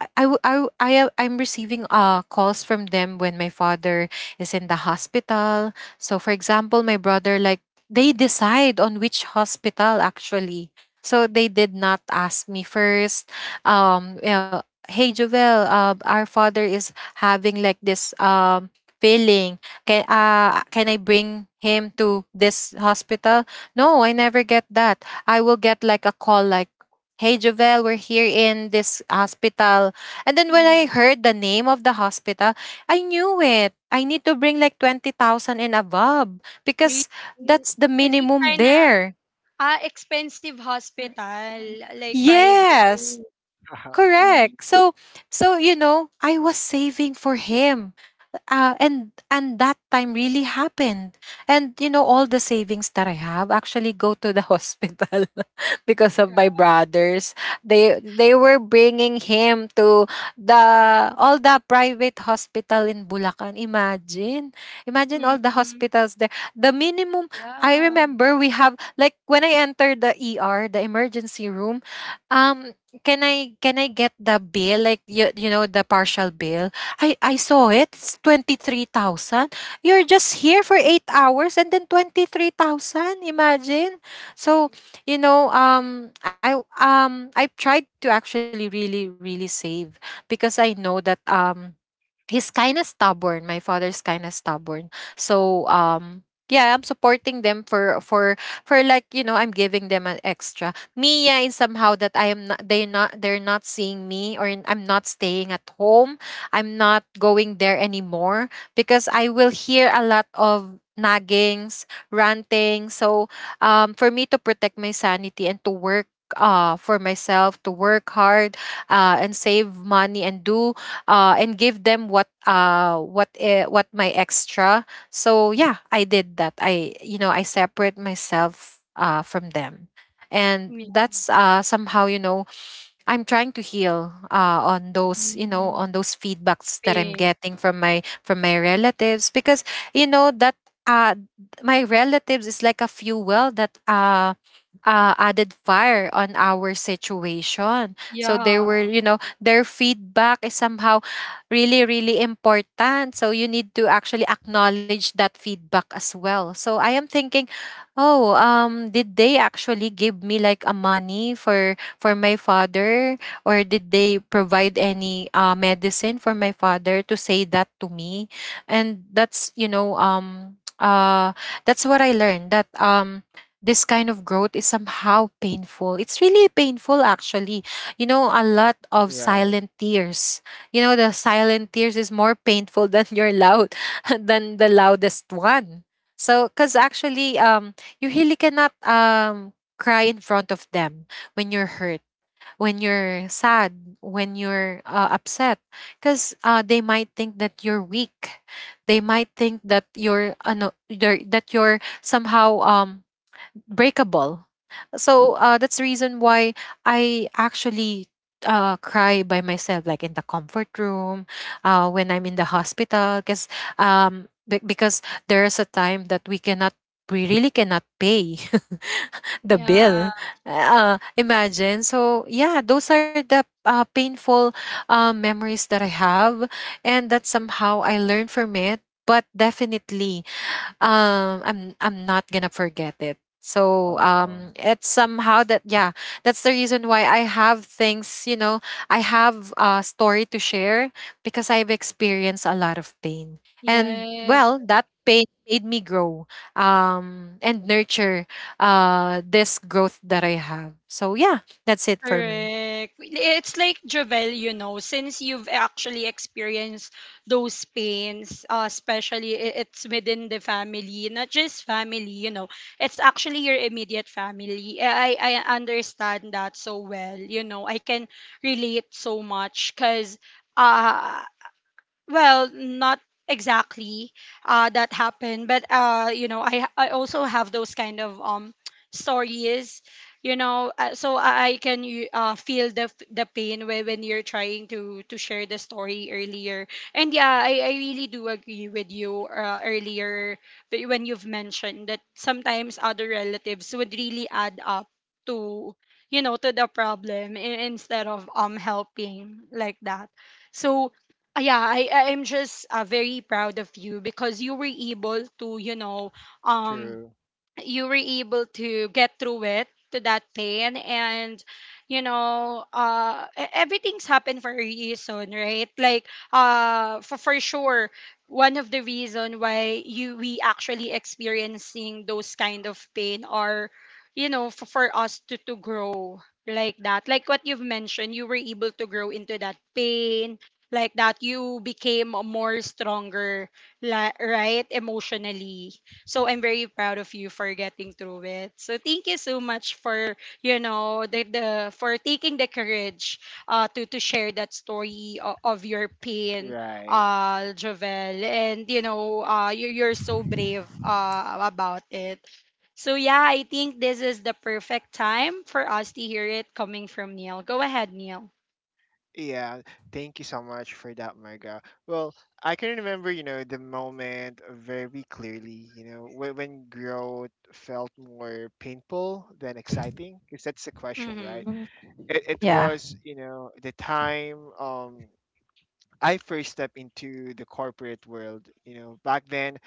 B: I, w- I, w- I am- I'm receiving calls from them when my father is in the hospital. So, for example, my brother, like, they decide on which hospital actually. So they did not ask me first. You know, hey, Jovel, our father is having like this, feeling. Can I bring him to this hospital? No, I never get that. I will get like a call like, hey Jovel, we're here in this hospital. And then when I
A: Mm-hmm.
B: heard the name of the hospital, I knew it. I need to bring like 20,000 and above
A: Really?
B: because that's the
A: Is it
B: minimum
A: kind of…
B: there.
A: Ah, expensive hospital, like private.
B: Yes,
C: Wow.
A: Mm,
B: correct. So you know, I was saving for him, and that time really happened. And you know, all the savings that I have actually go to the hospital because of my brothers. They were bringing him to the all the private hospital in Bulacan. Imagine, imagine all the
A: mhm.
B: hospitals there, the minimum. I
A: Yeah.
B: remember we have like, when I entered the, the emergency room, um can I, get the bill, like, you know, the partial bill. I saw it. It's 23,000. You're just here for 8 hours and then 23,000. Imagine. So,
A: Mm,
B: you know, I tried to actually really really save, because I know that, he's kind of stubborn my father's kind of stubborn. so um yeah, I'm supporting them for like, you know, I'm giving them an extra, me yeah in somehow that I am not they not they're not seeing me, I'm not staying at home, I'm not going there anymore, because I will hear a lot of naggings, ranting. For me, to protect my sanity and to work for myself, to work hard and save money and do, and give them what, what my extra. So yeah, I did that. I, you know, I separate myself from them, and
A: yeah.
B: that's somehow, you know, I'm trying to heal on those, you know,
A: Mm,
B: on those feedbacks that I'm
A: pain.
B: getting from my relatives. Because you know that, uh my relatives is like a fuel that added fire on our situation. So they
A: Yeah.
B: were, you know, their feedback is somehow really really important. So you need to actually acknowledge that feedback as well. So I am thinking, oh, um, did they actually give me like a money for my father, or did they provide any, medicine for my father, to say that to me? And that's, you know, that's what I learned, that, um, this kind of growth is somehow painful. It's really painful actually. You know, a lot of
C: Right.
B: silent tears. You know, the silent tears is more painful than your loud than the loudest one. So because actually, you really cannot, cry in front of them when you're hurt, when you're sad, when you're, upset, because, they might think that you're weak. They might think that you're ano, you're— that you're somehow, breakable. So, that's the reason why I actually, cry by myself, like in the comfort room, when I'm in the hospital. Because, because there's a time that we cannot, we really cannot pay the bill.
A: Yeah.
B: Imagine. So yeah, those are the, painful, memories that I have, and that somehow I learned from it. But definitely, I'm not gonna forget it.
C: Oh,
B: It's somehow that, yeah, that's the reason why I have things, you know, I have a story to share, because I've experienced a lot of pain. And
A: Yes.
B: well, that pain made me grow and nurture this growth that I have. So yeah, that's it for me.
A: Correct. It's like Jovel, you know, since you've actually experienced those pains, especially it's within the family, not just family, you know, it's actually your immediate family. I understand that so well, you know, I can relate so much because. Uh, well, not exactly that happened, but you know, I also have those kind of stories, you know, so I can you, feel the pain when you're trying to share the story earlier. And yeah, I really do agree with you earlier but when you've mentioned that sometimes other relatives would really add up to, you know, to the problem, instead of helping, like that. So yeah, I am just very proud of you because you were able to, you know, um,
C: true.
A: you were able to get through it to that pain and you know everything's happened for a reason, right? Like for sure one of the reason why you we actually experiencing those kind of pain are, you know, for us to grow, like that, like what you've mentioned, you were able to grow into that pain like that, you became a more stronger, right, emotionally. So I'm very proud of you for getting through it. So thank you so much for you know the for taking the courage to share that story of your pain,
C: Right.
A: Jovel, and you know you you're so brave about it. So yeah, I think this is the perfect time for us to hear it coming from Neil. Go ahead, Neil.
C: Yeah. Thank you so much for that, Marga. Well, I can remember, you know, the moment very clearly, you know, when growth felt more painful than exciting, because that's the question, right?
B: Mhm.
A: Mhm.
C: It
B: Yeah.
C: was, you know, the time, I first stepped into the corporate world, you know. Back then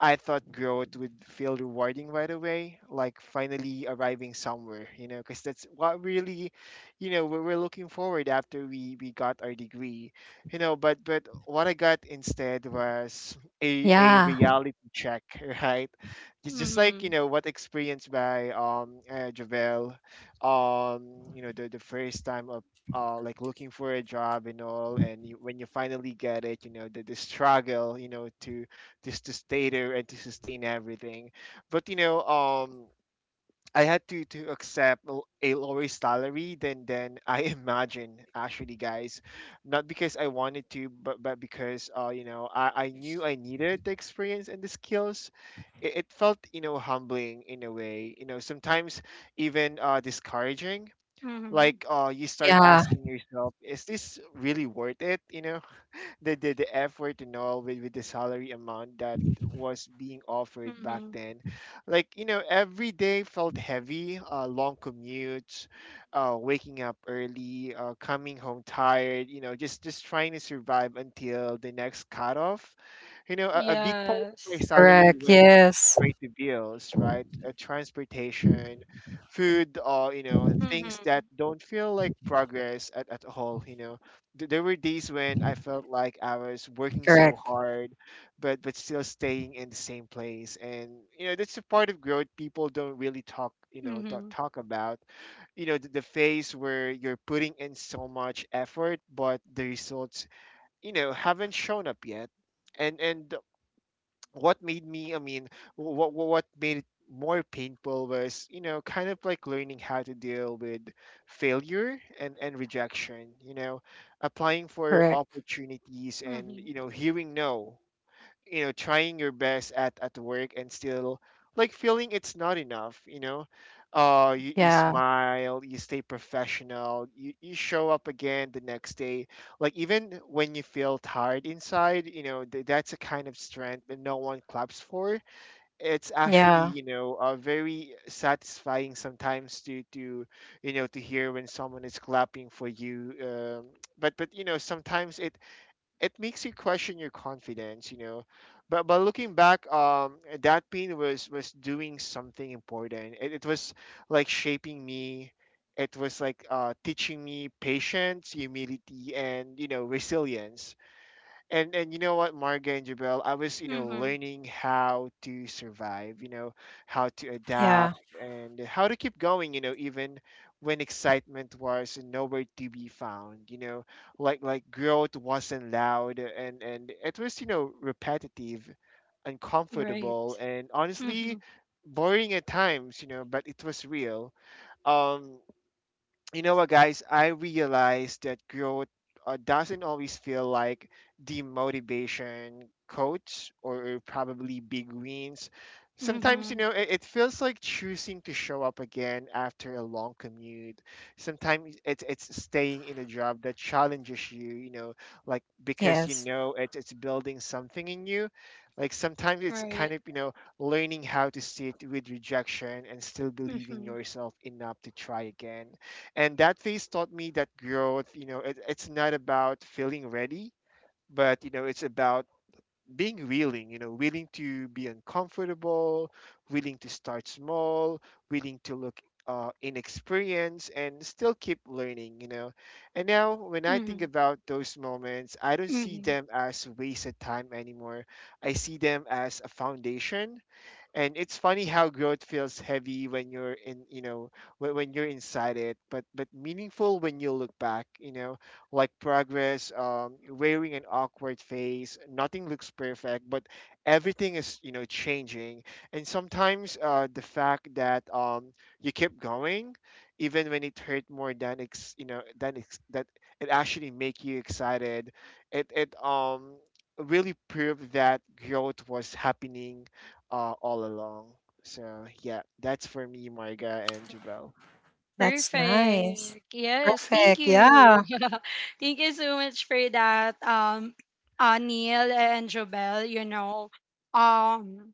C: I thought growth would feel rewarding right away, like finally arriving somewhere, you know, because that's what really, you know, we were looking forward after we got our degree, you know. But what I got instead was a
B: Yeah.
C: reality check, right? It's just
A: Mhm.
C: like you know what experienced by Javel, you know, the first time of like looking for a job and all, and you, when you finally get it, you know the struggle, you know, to just to stay there and to sustain everything. But you know, I had to accept a lower salary than I imagine actually, guys. Not because I wanted to, but because you know, I knew I needed the experience and the skills. It felt, you know, humbling in a way, you know, sometimes even discouraging,
A: Mhm.
C: like you start
B: Yeah.
C: asking yourself, is this really worth it? The effort and all, with the salary amount that was being offered back
A: Mhm.
C: then. Like, you know, every day felt heavy. Long commutes, waking up early, coming home tired, you know, just trying to survive until the next cutoff. You know, a big part of my
A: Yes.
C: salary
B: Correct.
C: went
B: Yes.
C: straight to bills, right? Transportation, food, or, you know, things that
A: Mhm.
C: don't feel like progress at all, you know. There were days when I felt like I was working so
B: Correct.
C: hard, but still staying in the same place. And, you know, that's a part of growth people don't really talk, you know, don't
A: Mhm.
C: talk about. You know, the phase where you're putting in so much effort but the results, you know, haven't shown up yet. And what made me I mean what made it more painful was, you know, kind of like learning how to deal with failure and rejection, you know, applying for
B: Correct.
C: opportunities and,
A: Mhm.
C: you know, hearing no. You know, trying your best at work and still like feeling it's not enough, you know. Uh, you
B: Yeah.
C: smile, you stay professional, you show up again the next day. Like, even when you feel tired inside, you know, that's a kind of strength that no one claps for. It's actually,
B: Yeah.
C: you know, very satisfying sometimes to you know, to hear when someone is clapping for you. But you know, sometimes it makes you question your confidence, you know. But looking back, that pain was doing something important. It was like shaping me. It was like, teaching me patience, humility, and, you know, resilience. And you know what, Marga and Jabel, I was, you know,
A: Mhm.
C: learning how to survive, you know, how to
B: Yeah.
C: adapt and how to keep going, you know, even when excitement was nowhere to be found, you know, like growth wasn't loud, and it was, you know, repetitive, uncomfortable,
A: Right.
C: and honestly
A: Mhm.
C: boring at times, you know, but it was real. Um you know what, guys? I realized that growth, doesn't always feel like demotivation quotes or probably big wins. Sometimes, you
A: Mhm.
C: know, it feels like choosing to show up again after a long commute. Sometimes it's staying in a job that challenges you, you know, like, because you
B: Yes.
C: know it's building something in you. Like, sometimes it's kind
A: Right.
C: of, you know, learning how to sit with rejection and still believe in
A: Mhm.
C: yourself enough to try again. And that phase taught me that growth, you know, it's not about feeling ready, but, you know, it's about being willing, you know, willing to be uncomfortable, willing to start small, willing to look, inexperienced, and still keep learning, you know. And now, when I think
A: Mhm.
C: about those moments, I don't see
A: Mhm.
C: them as wasted time anymore. I see them as a foundation. And it's funny how growth feels heavy when you're in, you know, when you're inside it, but meaningful when you look back, you know. Like progress wearing an awkward face, nothing looks perfect, but everything is, you know, changing. And sometimes, the fact that you keep going, even when it hurt more than ex you know than ex- that, it actually make you excited. It really proved that growth was happening, all along. So yeah, that's for me, Marga and Jabel.
B: That's nice.
A: Perfect. Yes. Thank
B: Perfect.
A: you.
B: Yeah.
A: Thank you so much for that, Neil and Jobel. You know, um,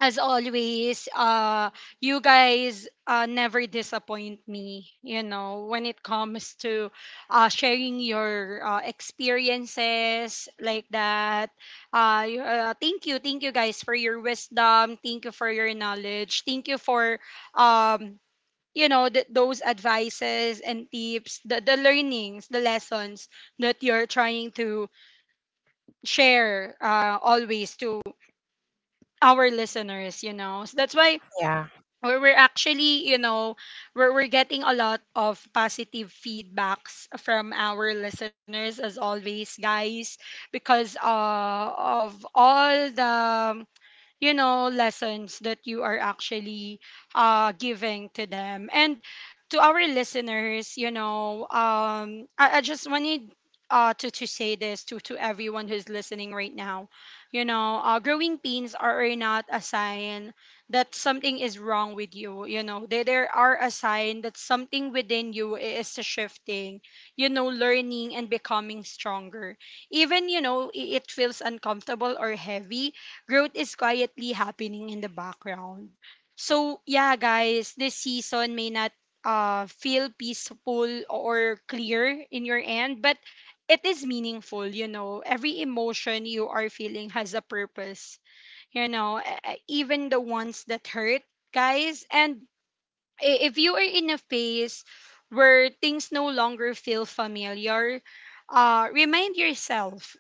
A: as always, you guys never disappoint me, you know, when it comes to sharing your experiences like that. Thank you. Thank you guys for your wisdom. Thank you for your knowledge. Thank you for, um, you know, those advices and tips, the learnings, the lessons that you're trying to share always to our listeners, you know. So that's why
B: Yeah.
A: where we're actually, you know, we're getting a lot of positive feedbacks from our listeners as always, guys, because of all the you know lessons that you are actually giving to them and to our listeners, you know. I just wanted to say this to everyone who's listening right now, you know. Growing pains are not a sign that something is wrong with you, you know, they are a sign that something within you is shifting, you know, learning and becoming stronger, even you know it feels uncomfortable or heavy, growth is quietly happening in the background. So, yeah, guys, this season may not feel peaceful or clear in your end, but it is meaningful, you know. Every emotion you are feeling has a purpose, you know, even the ones that hurt, guys. And if you are in a phase where things no longer feel familiar, remind yourself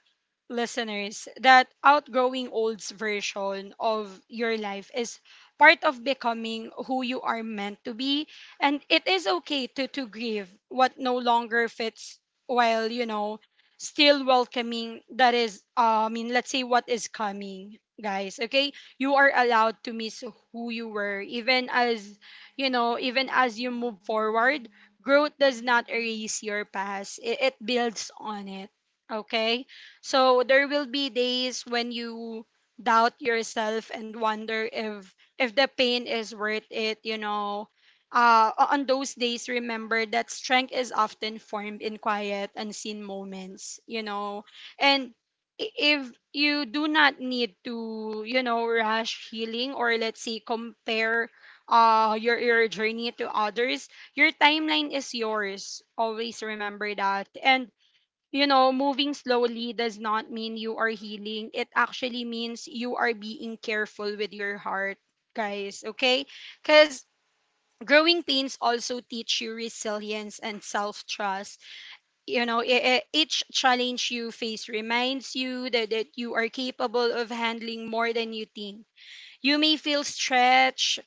A: listeners, that outgrowing old's version of your life is part of becoming who you are meant to be. And it is okay to grieve what no longer fits while, you know, still welcoming that is, I mean, let's say what is coming, guys. Okay. You are allowed to miss who you were, even as, you know, even as you move forward. Growth does not erase your past, it builds on it. Okay? So there will be days when you doubt yourself and wonder if the pain is worth it, you know. On those days, remember that strength is often formed in quiet, unseen moments, you know. And if you do not need to, you know, rush healing or let's say compare your journey to others, your timeline is yours. Always remember that. And you know, moving slowly does not mean you are healing. It actually means you are being careful with your heart, guys, okay? Because growing pains also teach you resilience and self trust. You know, each challenge you face reminds you that you are capable of handling more than you think. You may feel stretched,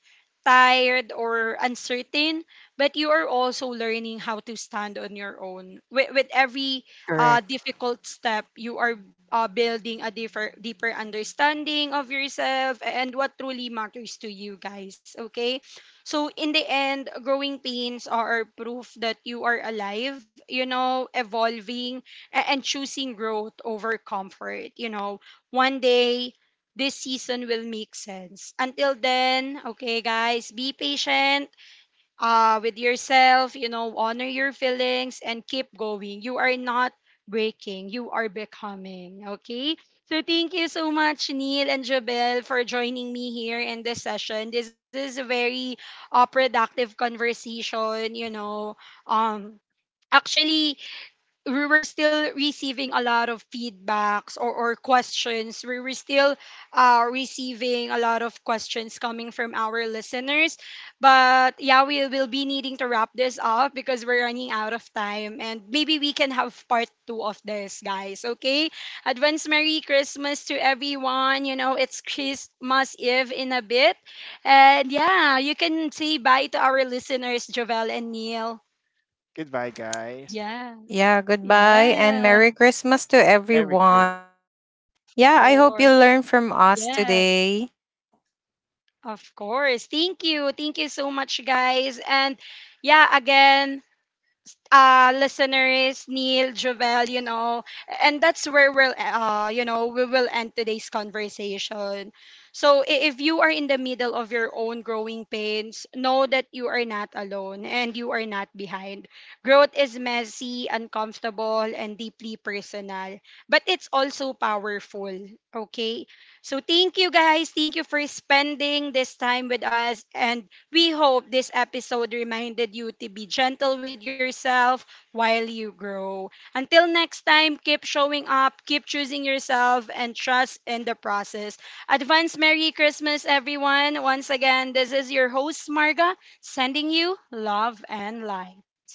A: tired, or uncertain, but you are also learning how to stand on your own. With every
B: Correct.
A: difficult step, you are building a deeper understanding of yourself and what truly matters to you guys. Okay? So, in the end, growing pains are proof that you are alive, you know, evolving, and choosing growth over comfort. You know, one day this season will make sense. Until then, okay, guys, be patient with yourself, you know, honor your feelings and keep going. You are not breaking, you are becoming, okay? So thank you so much, Neil and Jabel, for joining me here in this session. This is a very productive conversation, you know. Um, Actually, we were still receiving a lot of feedbacks or questions. We were still receiving a lot of questions coming from our listeners. But yeah, we will be needing to wrap this up because we're running out of time. And maybe we can have part two of this, guys. Okay? Advance Merry Christmas to everyone. You know, it's Christmas Eve in a bit. And yeah, you can say bye to our listeners, Jovel and Neil.
C: Goodbye, guys.
A: Yeah.
B: Yeah. Goodbye and
A: Yeah.
B: Merry Christmas to
C: Merry
B: everyone.
A: Of
B: I hope,
C: Christmas.
B: yeah,
A: course.
B: I hope you learn from
A: Yes,
B: us today.
A: of course. Thank you. Thank you so much, guys. And yeah, again, listeners, Neil, Jovel, you know, and that's where we'll, you know, we will end today's conversation. So if you are in the middle of your own growing pains, know that you are not alone and you are not behind. Growth is messy, uncomfortable, and deeply personal, but it's also powerful. Okay. So thank you guys. Thank you for spending this time with us and we hope this episode reminded you to be gentle with yourself while you grow. Until next time, keep showing up, keep choosing yourself, and trust in the process. Advance Merry Christmas, everyone. Once again, this is your host, Marga, sending you love and light.